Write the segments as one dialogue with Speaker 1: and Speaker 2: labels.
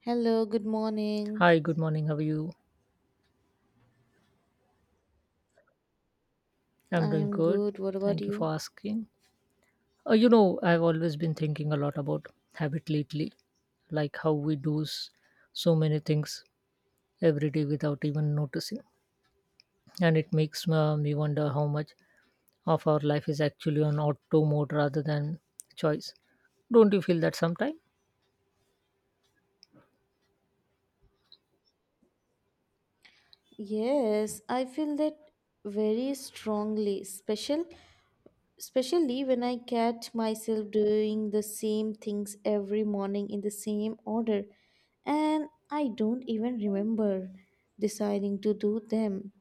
Speaker 1: Hello, good morning.
Speaker 2: Hi, good morning. How are you? I'm
Speaker 1: I
Speaker 2: doing
Speaker 1: am
Speaker 2: good.
Speaker 1: good. What about
Speaker 2: Thank you
Speaker 1: you?
Speaker 2: for asking. I've always been thinking a lot about habit lately, like how we do so many things every day without even noticing. And it makes me wonder how much of our life is actually on auto mode rather than choice. Don't you feel that sometime?
Speaker 1: Yes, I feel that very strongly, especially when I catch myself doing the same things every morning in the same order, and I don't even remember deciding to do them.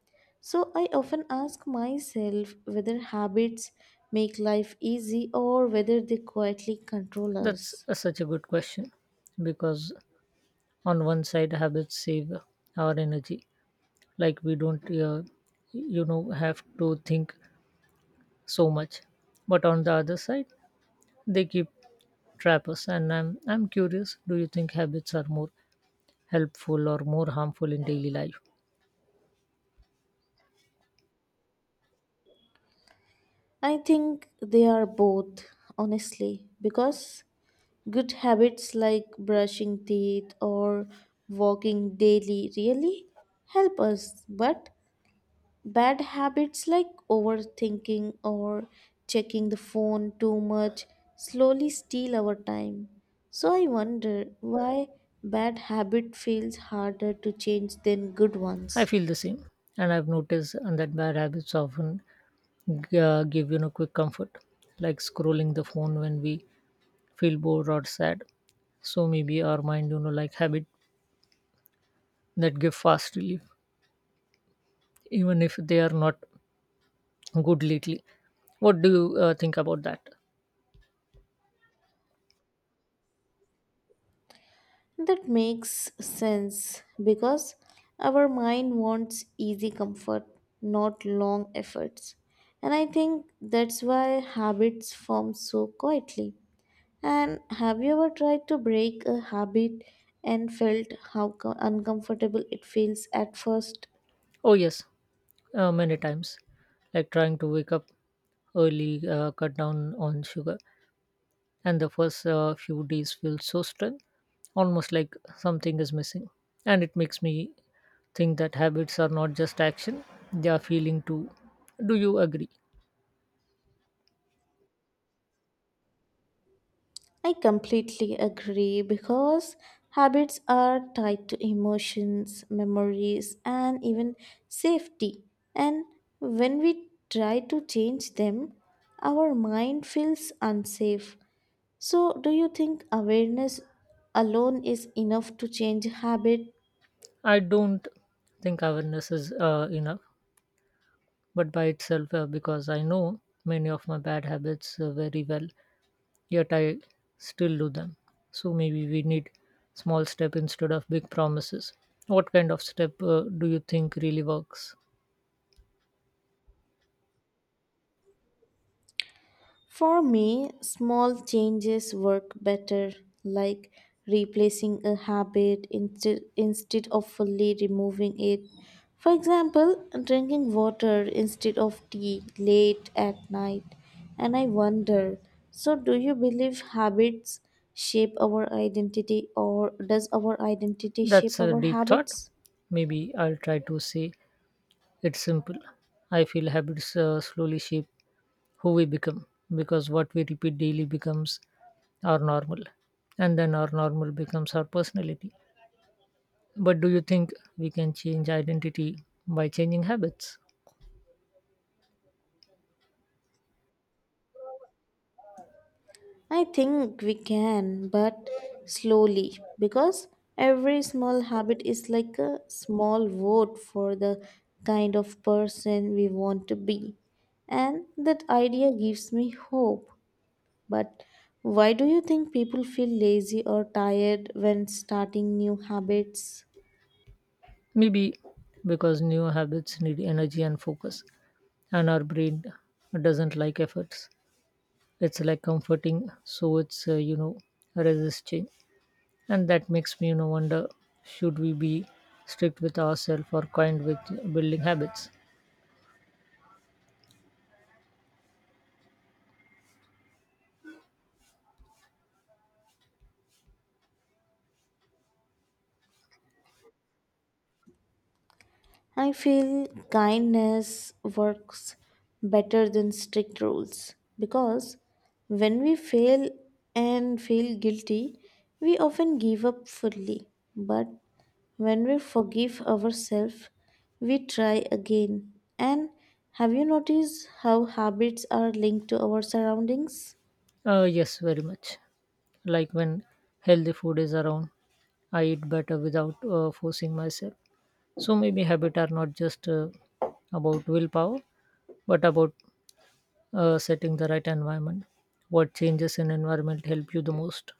Speaker 1: So I often ask myself whether habits make life easy or whether they quietly control
Speaker 2: That's
Speaker 1: us.
Speaker 2: such a good question because on one side habits save our energy, like we don't have to think so much, but on the other side they keep trappers. And I'm curious, do you think habits are more helpful or more harmful in daily life?
Speaker 1: I think they are both, honestly, because good habits like brushing teeth or walking daily really help us, but bad habits like overthinking or checking the phone too much slowly steal our time. So I wonder why bad habit feels harder to change than good
Speaker 2: I
Speaker 1: ones.
Speaker 2: feel the same, and I've noticed that bad habits often give quick comfort, like scrolling the phone when we feel bored or sad. So maybe our mind, like habit that give fast relief even if they are not good lately. What do you think about that?
Speaker 1: That makes sense because our mind wants easy comfort, not long efforts. And I think that's why habits form so quietly. And have you ever tried to break a habit and felt how uncomfortable it feels at first?
Speaker 2: Oh yes. Many times, like trying to wake up early, cut down on sugar, and the first few days feel so strange, almost like something is missing. And it makes me think that habits are not just action, they are feeling too. Do you agree?
Speaker 1: I completely agree because habits are tied to emotions, memories, and even safety. And when we try to change them, our mind feels unsafe. So, do you think awareness alone is enough to change habit?
Speaker 2: I don't think awareness is enough, but by itself, because I know many of my bad habits very well. Yet I still do them. So maybe we need small step instead of big promises. What kind of step do you think really works?
Speaker 1: For me, small changes work better, like replacing a habit instead of fully removing it. For example, drinking water instead of tea late at night. And I wonder, so do you believe habits shape our identity or does our identity shape
Speaker 2: That's a
Speaker 1: our
Speaker 2: deep thought.
Speaker 1: habits?
Speaker 2: Maybe I'll try to say it's simple. I feel habits slowly shape who we become, because what we repeat daily becomes our normal, and then our normal becomes our personality. But do you think we can change identity by changing habits?
Speaker 1: I think we can, but slowly, because every small habit is like a small vote for the kind of person we want to be. And that idea gives me hope. But why do you think people feel lazy or tired when starting new habits?
Speaker 2: Maybe because new habits need energy and focus, and our brain doesn't like efforts. It's like comforting, so it's resist change. And that makes me, wonder, should we be strict with ourselves or kind with building habits?
Speaker 1: I feel kindness works better than strict rules because when we fail and feel guilty, we often give up fully. But when we forgive ourselves, we try again. And have you noticed how habits are linked to our surroundings?
Speaker 2: Yes, very much. Like when healthy food is around, I eat better without forcing myself. So maybe habits are not just about willpower, but about setting the right environment. What changes in environment help you the most?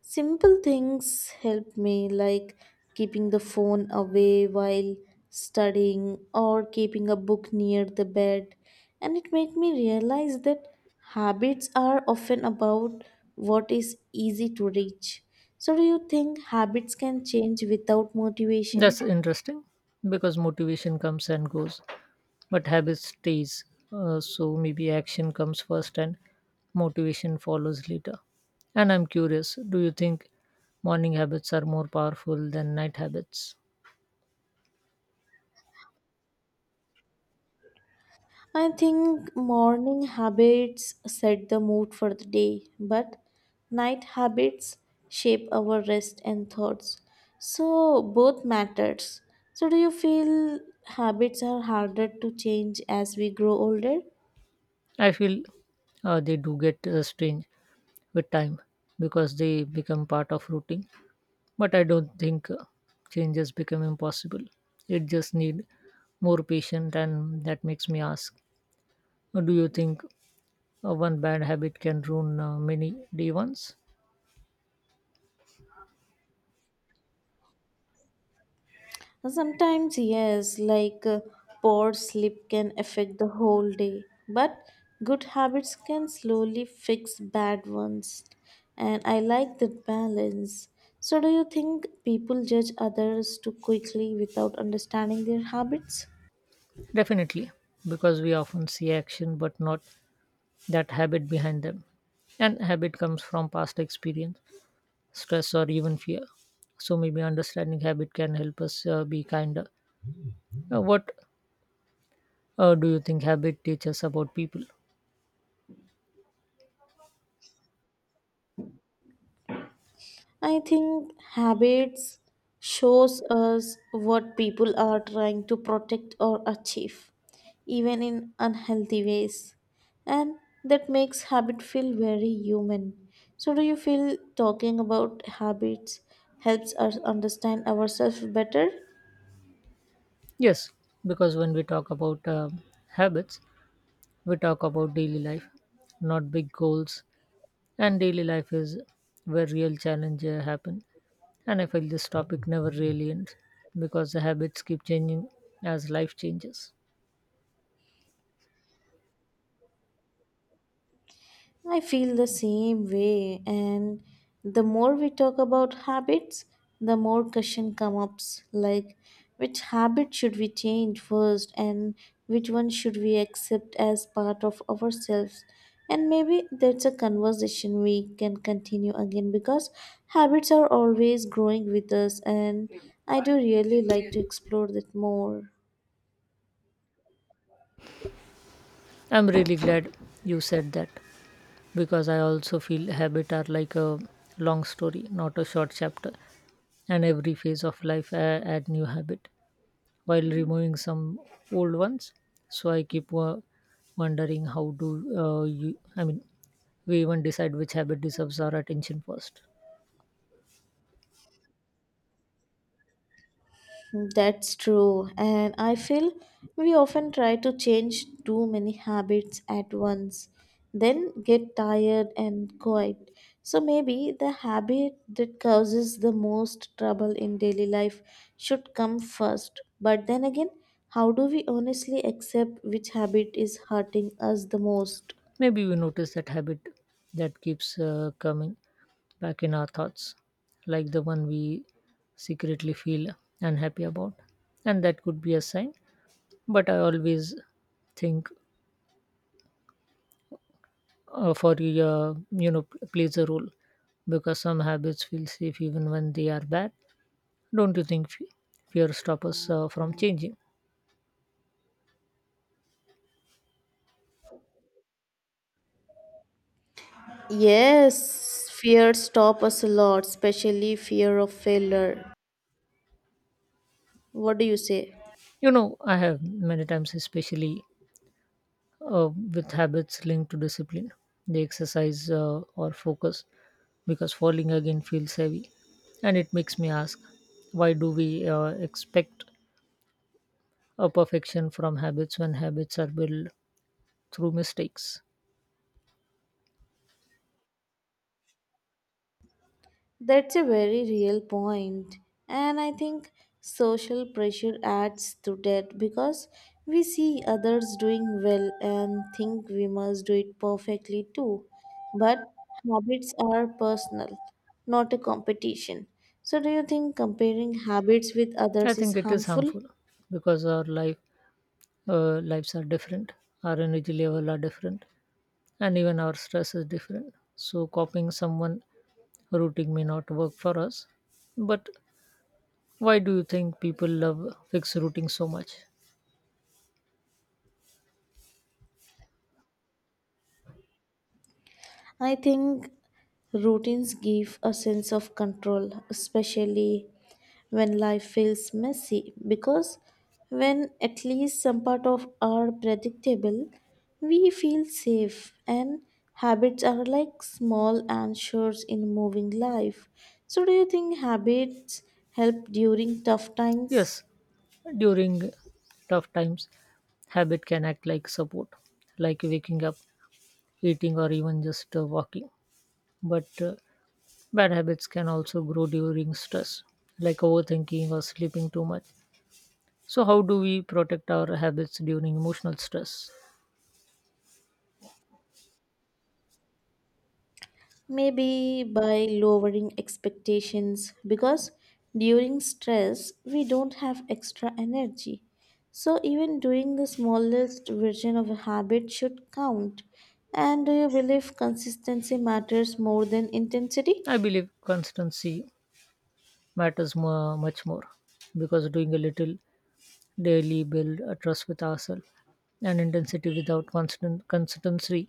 Speaker 1: Simple things help me, like keeping the phone away while studying or keeping a book near the bed. And it made me realize that habits are often about what is easy to reach. So, do you think habits can change without
Speaker 2: That's
Speaker 1: motivation?
Speaker 2: interesting because motivation comes and goes, but habit stays. So maybe action comes first and motivation follows later. And I'm curious, do you think morning habits are more powerful than night habits?
Speaker 1: I think morning habits set the mood for the day, but night habits shape our rest and thoughts. So both matters. So do you feel habits are harder to change as we grow older?
Speaker 2: I feel they do get strange with time because they become part of routine, but I don't think changes become impossible. It just need more patience, and that makes me ask, do you think one bad habit can ruin many D1s?
Speaker 1: Sometimes, yes, like poor sleep can affect the whole day, but good habits can slowly fix bad ones. And I like that balance. So, do you think people judge others too quickly without understanding their habits?
Speaker 2: Definitely, because we often see action but not that habit behind them. And habit comes from past experience, stress, or even fear. So maybe understanding habit can help us be kinder. What do you think habit teaches about people?
Speaker 1: I think habits shows us what people are trying to protect or achieve, even in unhealthy ways. And that makes habit feel very human. So do you feel talking about habits helps us understand ourselves better?
Speaker 2: Yes, because when we talk about habits, we talk about daily life, not big goals. And daily life is where real challenges happen. And I feel this topic never really ends because the habits keep changing as life changes.
Speaker 1: I feel the same way, and the more we talk about habits, the more question comes up like which habit should we change first and which one should we accept as part of ourselves, and maybe that's a conversation we can continue again because habits are always growing with us, and I do really like to explore that more.
Speaker 2: I'm really glad you said that, because I also feel habits are like a long story, not a short chapter. And every phase of life I add new habit while removing some old ones. So I keep wondering, how do we even decide which habit deserves our attention first.
Speaker 1: That's true. And I feel we often try to change too many habits at once, then get tired and quiet. So maybe the habit that causes the most trouble in daily life should come first. But then again, how do we honestly accept which habit is hurting us the most?
Speaker 2: Maybe we notice that habit that keeps coming back in our thoughts, like the one we secretly feel unhappy about. And that could be a sign. But I always think for you know plays a role, because some habits feel safe even when they are bad. Don't you think fear stops us from changing?
Speaker 1: Yes, fear stop us a lot, especially fear of failure. What do you say?
Speaker 2: You know, I have many times, especially with habits linked to discipline, the exercise or focus, because falling again feels heavy. And it makes me ask, why do we expect a perfection from habits when habits are built through mistakes?
Speaker 1: That's a very real point, and I think social pressure adds to that because we see others doing well and think we must do it perfectly too. But habits are personal, not a competition. So, do you think comparing habits with
Speaker 2: I
Speaker 1: others is
Speaker 2: think it is
Speaker 1: harmful?
Speaker 2: harmful because our life lives are different, our energy level are different, and even our stress is different. So copying someone routine may not work for us, but why do you think people love fixed routing so much?
Speaker 1: I think routines give a sense of control, especially when life feels messy, because when at least some part of are predictable, we feel safe, and habits are like small anchors in moving life. So do you think habits help during tough times?
Speaker 2: Yes, during tough times, habit can act like support, like waking up, eating, or even just walking. But bad habits can also grow during stress, like overthinking or sleeping too much. So how do we protect our habits during emotional stress?
Speaker 1: Maybe by lowering expectations because during stress we don't have extra energy. So even doing the smallest version of a habit should count. And do you believe consistency matters more than intensity?
Speaker 2: I believe constancy matters more, much more, because doing a little daily build a trust with ourselves, and intensity without constant consistency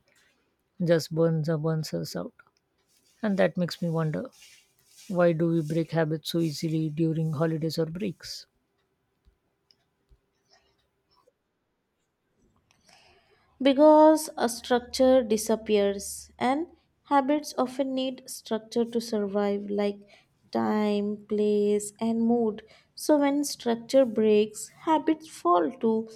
Speaker 2: just burns or burns us out. And that makes me wonder, why do we break habits so easily during holidays or breaks?
Speaker 1: Because a structure disappears, and habits often need structure to survive, like time, place, and mood. So, when structure breaks, habits fall too.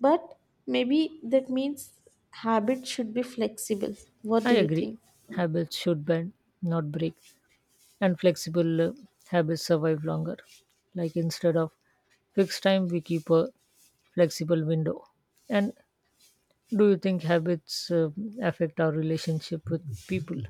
Speaker 1: But maybe that means habits should be flexible. What
Speaker 2: I
Speaker 1: do you
Speaker 2: agree,
Speaker 1: think?
Speaker 2: habits should bend, not break. And flexible habits survive longer, like instead of fixed time we keep a flexible window. And do you think habits affect our relationship with people?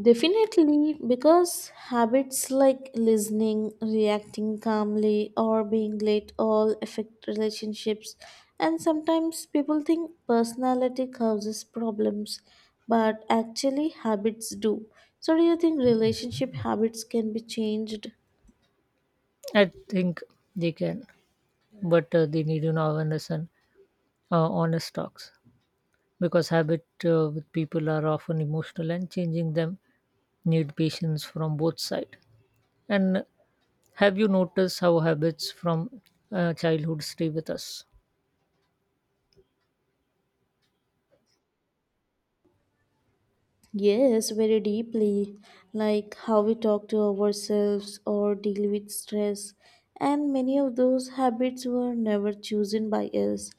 Speaker 1: Definitely, because habits like listening, reacting calmly, or being late all affect relationships. And sometimes people think personality causes problems, but actually habits do. So, do you think relationship habits can be changed?
Speaker 2: I think they can, but they need an awareness and honest talks, because habit with people are often emotional and changing them need patience from both sides. And have you noticed how habits from childhood stay with us?
Speaker 1: Yes, very deeply, like how we talk to ourselves or deal with stress. And many of those habits were never chosen by us,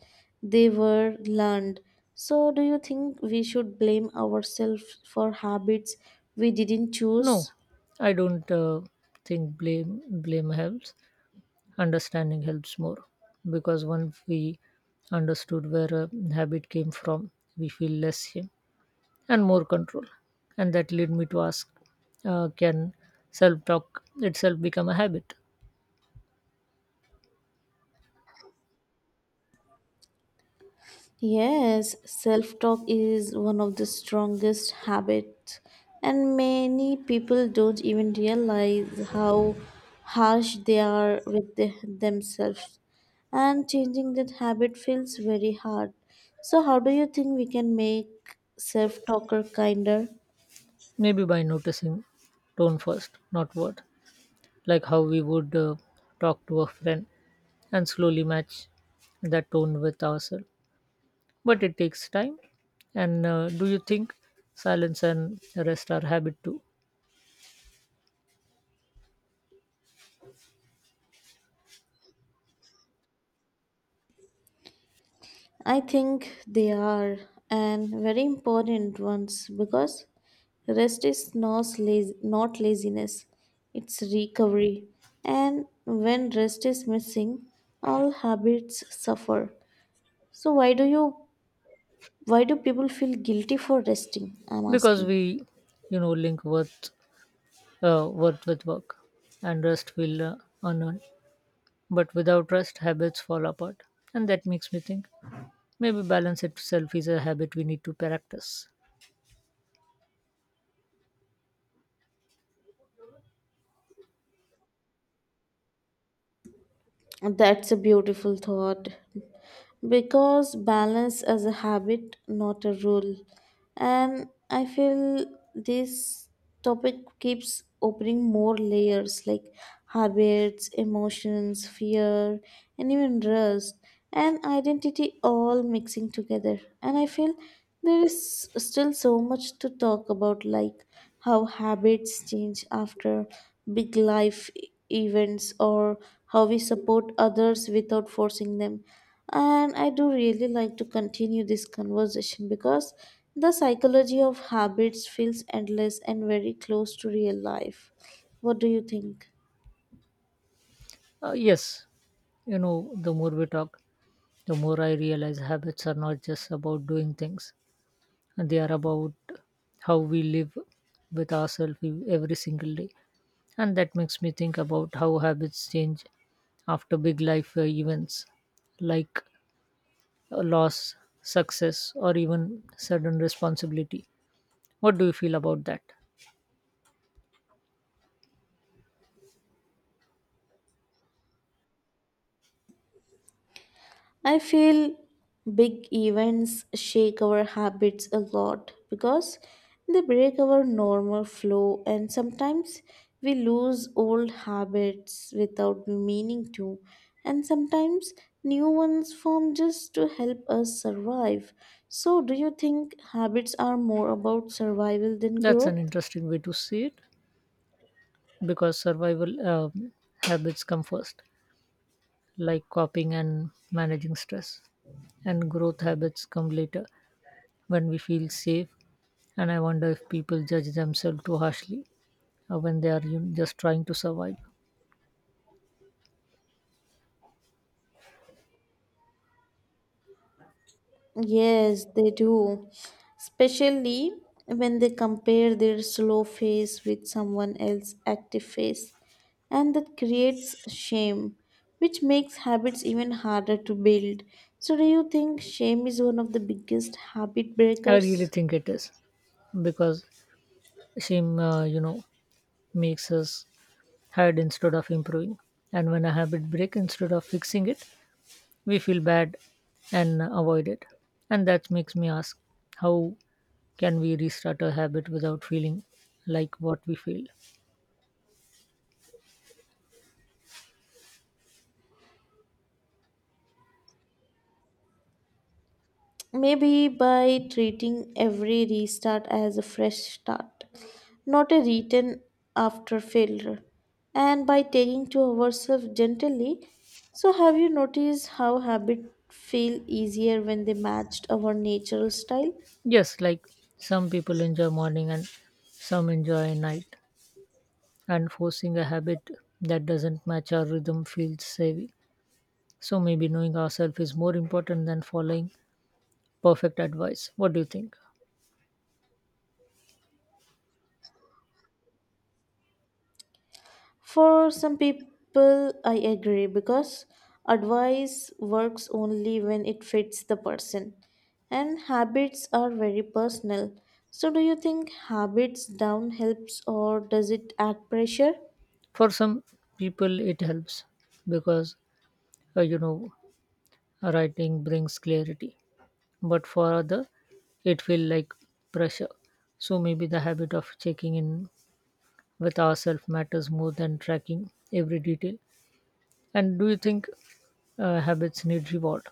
Speaker 1: they were learned. So, do you think we should blame ourselves for habits we didn't
Speaker 2: No,
Speaker 1: choose?
Speaker 2: I don't think blame helps. Understanding helps more, because once we understood where a habit came from, we feel less shame and more control. And that led me to ask, can self talk itself become a habit?
Speaker 1: Yes, self talk is one of the strongest habits, and many people don't even realize how harsh they are with themselves. And changing that habit feels very hard. So, how do you think we can make self talker kinder?
Speaker 2: Maybe by noticing tone first, not word, like how we would talk to a friend and slowly match that tone with ourselves. But it takes time. And do you think silence and rest are habit too?
Speaker 1: I think they are, and very important ones because rest is not laziness, it's recovery. And when rest is missing, all habits suffer. So why do you why do people feel guilty for resting? I'm
Speaker 2: Because
Speaker 1: asking.
Speaker 2: we, link worth, worth with work, and rest will unearned. But without rest, habits fall apart. And that makes me think maybe balance itself is a habit we need to practice.
Speaker 1: That's a beautiful thought, because balance is a habit, not a rule. And I feel this topic keeps opening more layers like habits, emotions, fear, and even rust and identity all mixing together. And I feel there is still so much to talk about, like how habits change after big life events, or how we support others without forcing them, and I do really like to continue this conversation because the psychology of habits feels endless and very close to real life. What do you think?
Speaker 2: Yes, the more we talk, the more I realize habits are not just about doing things, and they are about how we live with ourselves every single day. And that makes me think about how habits change after big life events, like a loss, success, or even sudden responsibility. What do you feel about that?
Speaker 1: I feel big events shake our habits a lot because they break our normal flow, and sometimes we lose old habits without meaning to, and sometimes new ones form just to help us survive. So do you think habits are more about survival than
Speaker 2: That's an
Speaker 1: growth?
Speaker 2: interesting way to see it, because survival habits come first, like coping and managing stress, and growth habits come later when we feel safe. And I wonder if people judge themselves too harshly when they are, just trying to survive.
Speaker 1: Yes, they do. Especially when they compare their slow face with someone else's active face. And that creates shame, which makes habits even harder to build. So, do you think shame is one of the biggest habit
Speaker 2: I really
Speaker 1: breakers?
Speaker 2: think it is, because shame, makes us hide instead of improving. And when a habit break instead of fixing it, we feel bad and avoid it. And that makes me ask, how can we restart a habit without feeling like what we feel?
Speaker 1: Maybe by treating every restart as a fresh start, not a return after failure, and by taking to ourselves gently. So, have you noticed how habits feel easier when they matched our natural style?
Speaker 2: Yes, like some people enjoy morning and some enjoy night, and forcing a habit that doesn't match our rhythm feels heavy. So maybe knowing ourselves is more important than following perfect advice. What do you think?
Speaker 1: For some people, I agree because advice works only when it fits the person, and habits are very personal. So, do you think habits down helps or does it add pressure?
Speaker 2: For some people, it helps because uh, you know writing brings clarity, but for other, it feel like pressure. So maybe the habit of checking in with ourselves matters more than tracking every detail. And do you think habits need reward?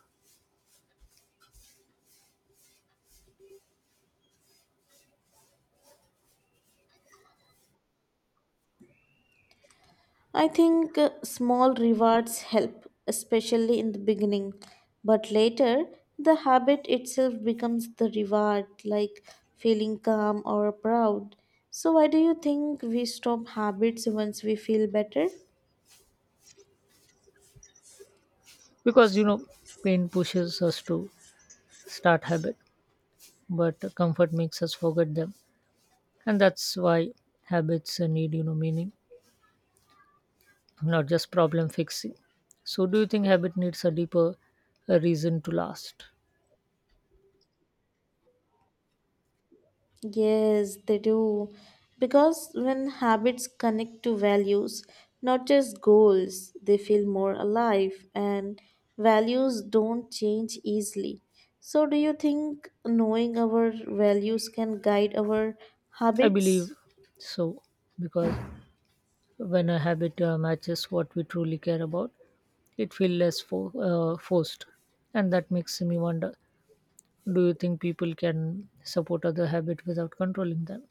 Speaker 1: I think small rewards help, especially in the beginning, but later the habit itself becomes the reward, like feeling calm or proud. So, why do you think we stop habits once we feel better?
Speaker 2: Because, pain pushes us to start habit, but comfort makes us forget them. And that's why habits need, meaning, not just problem fixing. So do you think habit needs a deeper reason to last?
Speaker 1: Yes, they do. Because when habits connect to values, not just goals, they feel more alive, and values don't change easily. So, do you think knowing our values can guide our
Speaker 2: I believe
Speaker 1: habits?
Speaker 2: so, because when a habit matches what we truly care about, it feels less forced. And that makes me wonder, do you think people can support other habits without controlling them?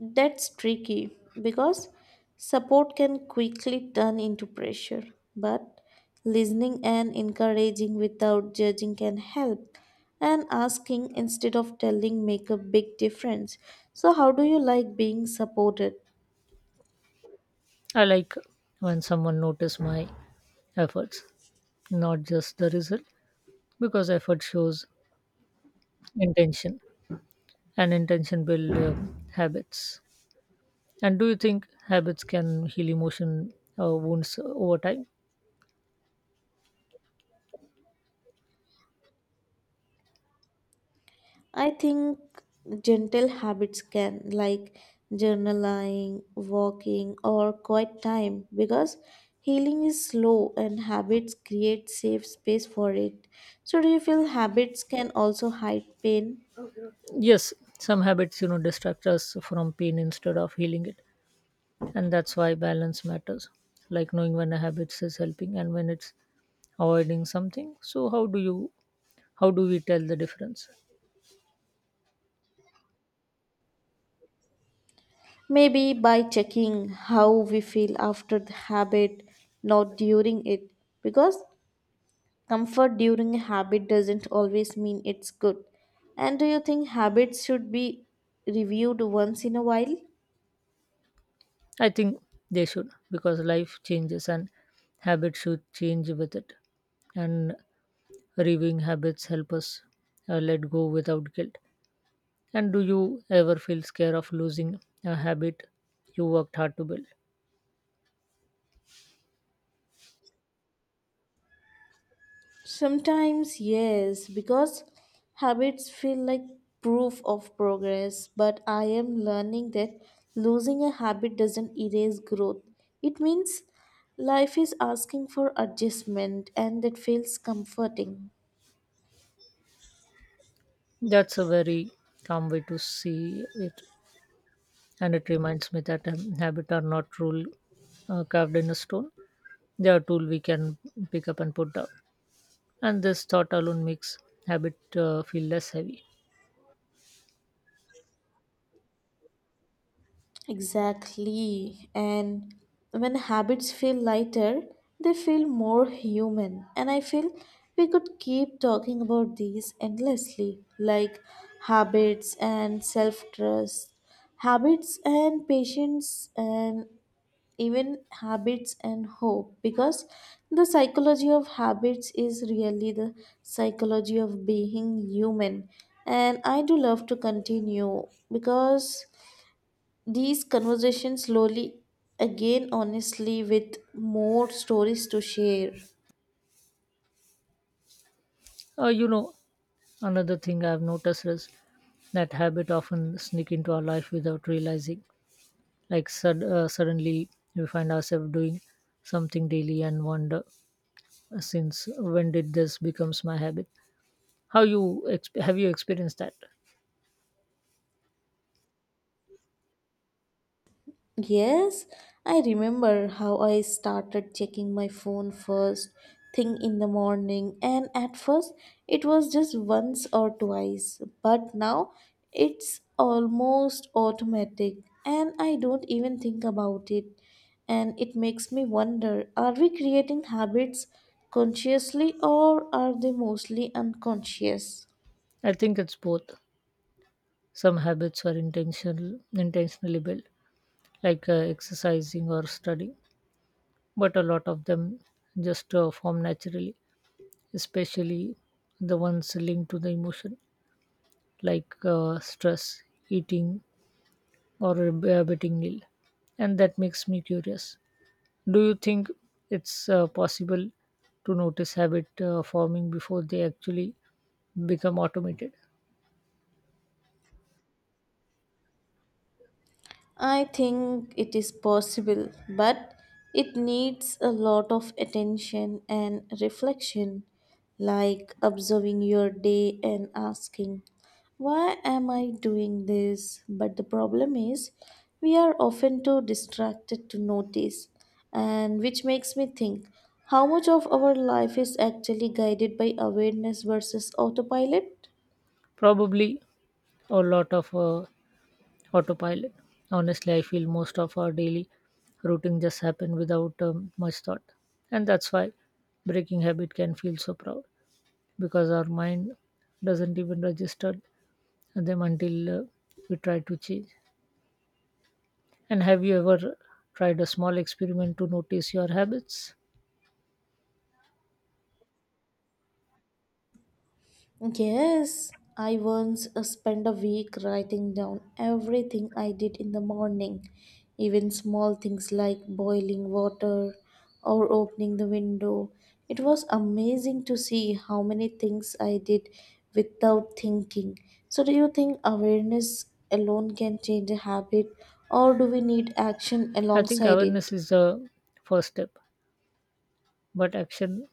Speaker 1: That's tricky because support can quickly turn into pressure, but listening and encouraging without judging can help. And asking instead of telling make a big difference. So how do you like being supported?
Speaker 2: I like when someone notices my efforts, not just the result, because effort shows intention, and intention build habits. And do you think habits can heal emotion wounds over time?
Speaker 1: I think gentle habits can, like journaling, walking, or quiet time, because healing is slow and habits create safe space for it. So, do you feel habits can also hide pain?
Speaker 2: Yes, some habits, distract us from pain instead of healing it. And that's why balance matters, like knowing when a habit is helping and when it's avoiding something. So how do we tell the difference?
Speaker 1: Maybe by checking how we feel after the habit, not during it, because comfort during a habit doesn't always mean it's good. And do you think habits should be reviewed once in a while?
Speaker 2: I think they should, because life changes and habits should change with it. And reviewing habits help us let go without guilt. And do you ever feel scared of losing a habit you worked hard to build?
Speaker 1: Sometimes, yes, because habits feel like proof of progress, but I am learning that losing a habit doesn't erase growth. It means life is asking for adjustment, and that feels comforting.
Speaker 2: That's a very calm way to see it, and it reminds me that habits are not rule carved in a stone. They are tool we can pick up and put down. And this thought alone makes habit feel less heavy.
Speaker 1: Exactly. And when habits feel lighter, they feel more human. And I feel we could keep talking about these endlessly, like habits and self trust, habits and patience, and even habits and hope, because the psychology of habits is really the psychology of being human. And I do love to continue because these conversations slowly again, honestly, with more stories to share.
Speaker 2: uh, you know another thing I've noticed is that habit often sneak into our life without realizing, like suddenly we find ourselves doing something daily and wonder, since when did this becomes my habit? How have you experienced that?
Speaker 1: Yes, I remember how I started checking my phone first thing in the morning, and at first it was just once or twice, but now it's almost automatic, and I don't even think about it. And it makes me wonder, are we creating habits consciously, or are they mostly unconscious?
Speaker 2: I think it's both. Some habits are intentional, intentionally built, like exercising or studying, but a lot of them just form naturally, especially the ones linked to the emotion, like stress, eating, or inhabiting meal. And that makes me curious. Do you think it's possible to notice habit forming before they actually become automated?
Speaker 1: I think it is possible, but it needs a lot of attention and reflection, like observing your day and asking, why am I doing this? But the problem is, we are often too distracted to notice, and which makes me think, how much of our life is actually guided by awareness versus autopilot?
Speaker 2: Probably a lot of autopilot. Honestly, I feel most of our daily routine just happen without much thought. And that's why breaking habit can feel so proud, because our mind doesn't even register them until we try to change. And have you ever tried a small experiment to notice your habits?
Speaker 1: Yes, I once spent a week writing down everything I did in the morning, even small things like boiling water or opening the window. It was amazing to see how many things I did without thinking. So, do you think awareness alone can change a habit, or do we need action
Speaker 2: I think
Speaker 1: alongside it?
Speaker 2: awareness is the first step, but action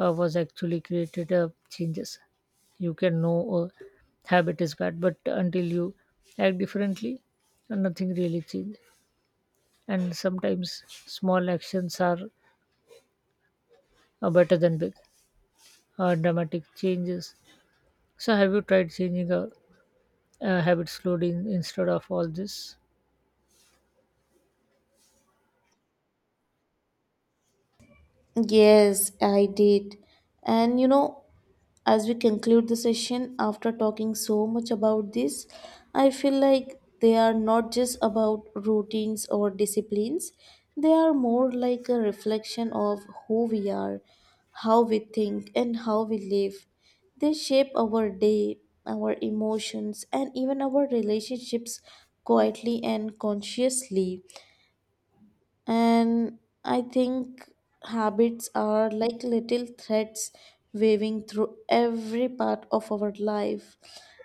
Speaker 2: was actually created changes. You can know a habit is bad, but until you act differently, nothing really changes. And sometimes small actions are better than big, dramatic changes. So, have you tried changing a habit slowly instead of all this?
Speaker 1: Yes, I did. And you know, as we conclude the session after talking so much about this, I feel like they are not just about routines or disciplines, they are more like a reflection of who we are, how we think, and how we live. They shape our day, our emotions, and even our relationships quietly and consciously. And I think habits are like little threads waving through every part of our life.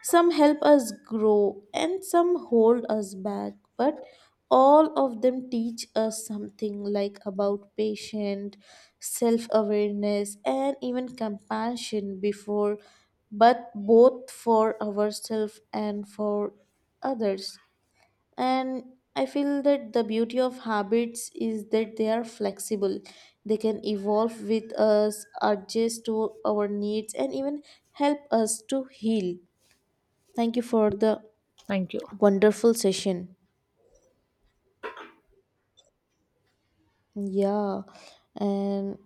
Speaker 1: Some help us grow and some hold us back, but all of them teach us something, like about patience, self awareness, and even compassion before, but both for ourselves and for others. And I feel that the beauty of habits is that they are flexible. They can evolve with us, adjust to our needs, and even help us to heal. Thank you for the
Speaker 2: Thank you.
Speaker 1: wonderful session. Yeah. And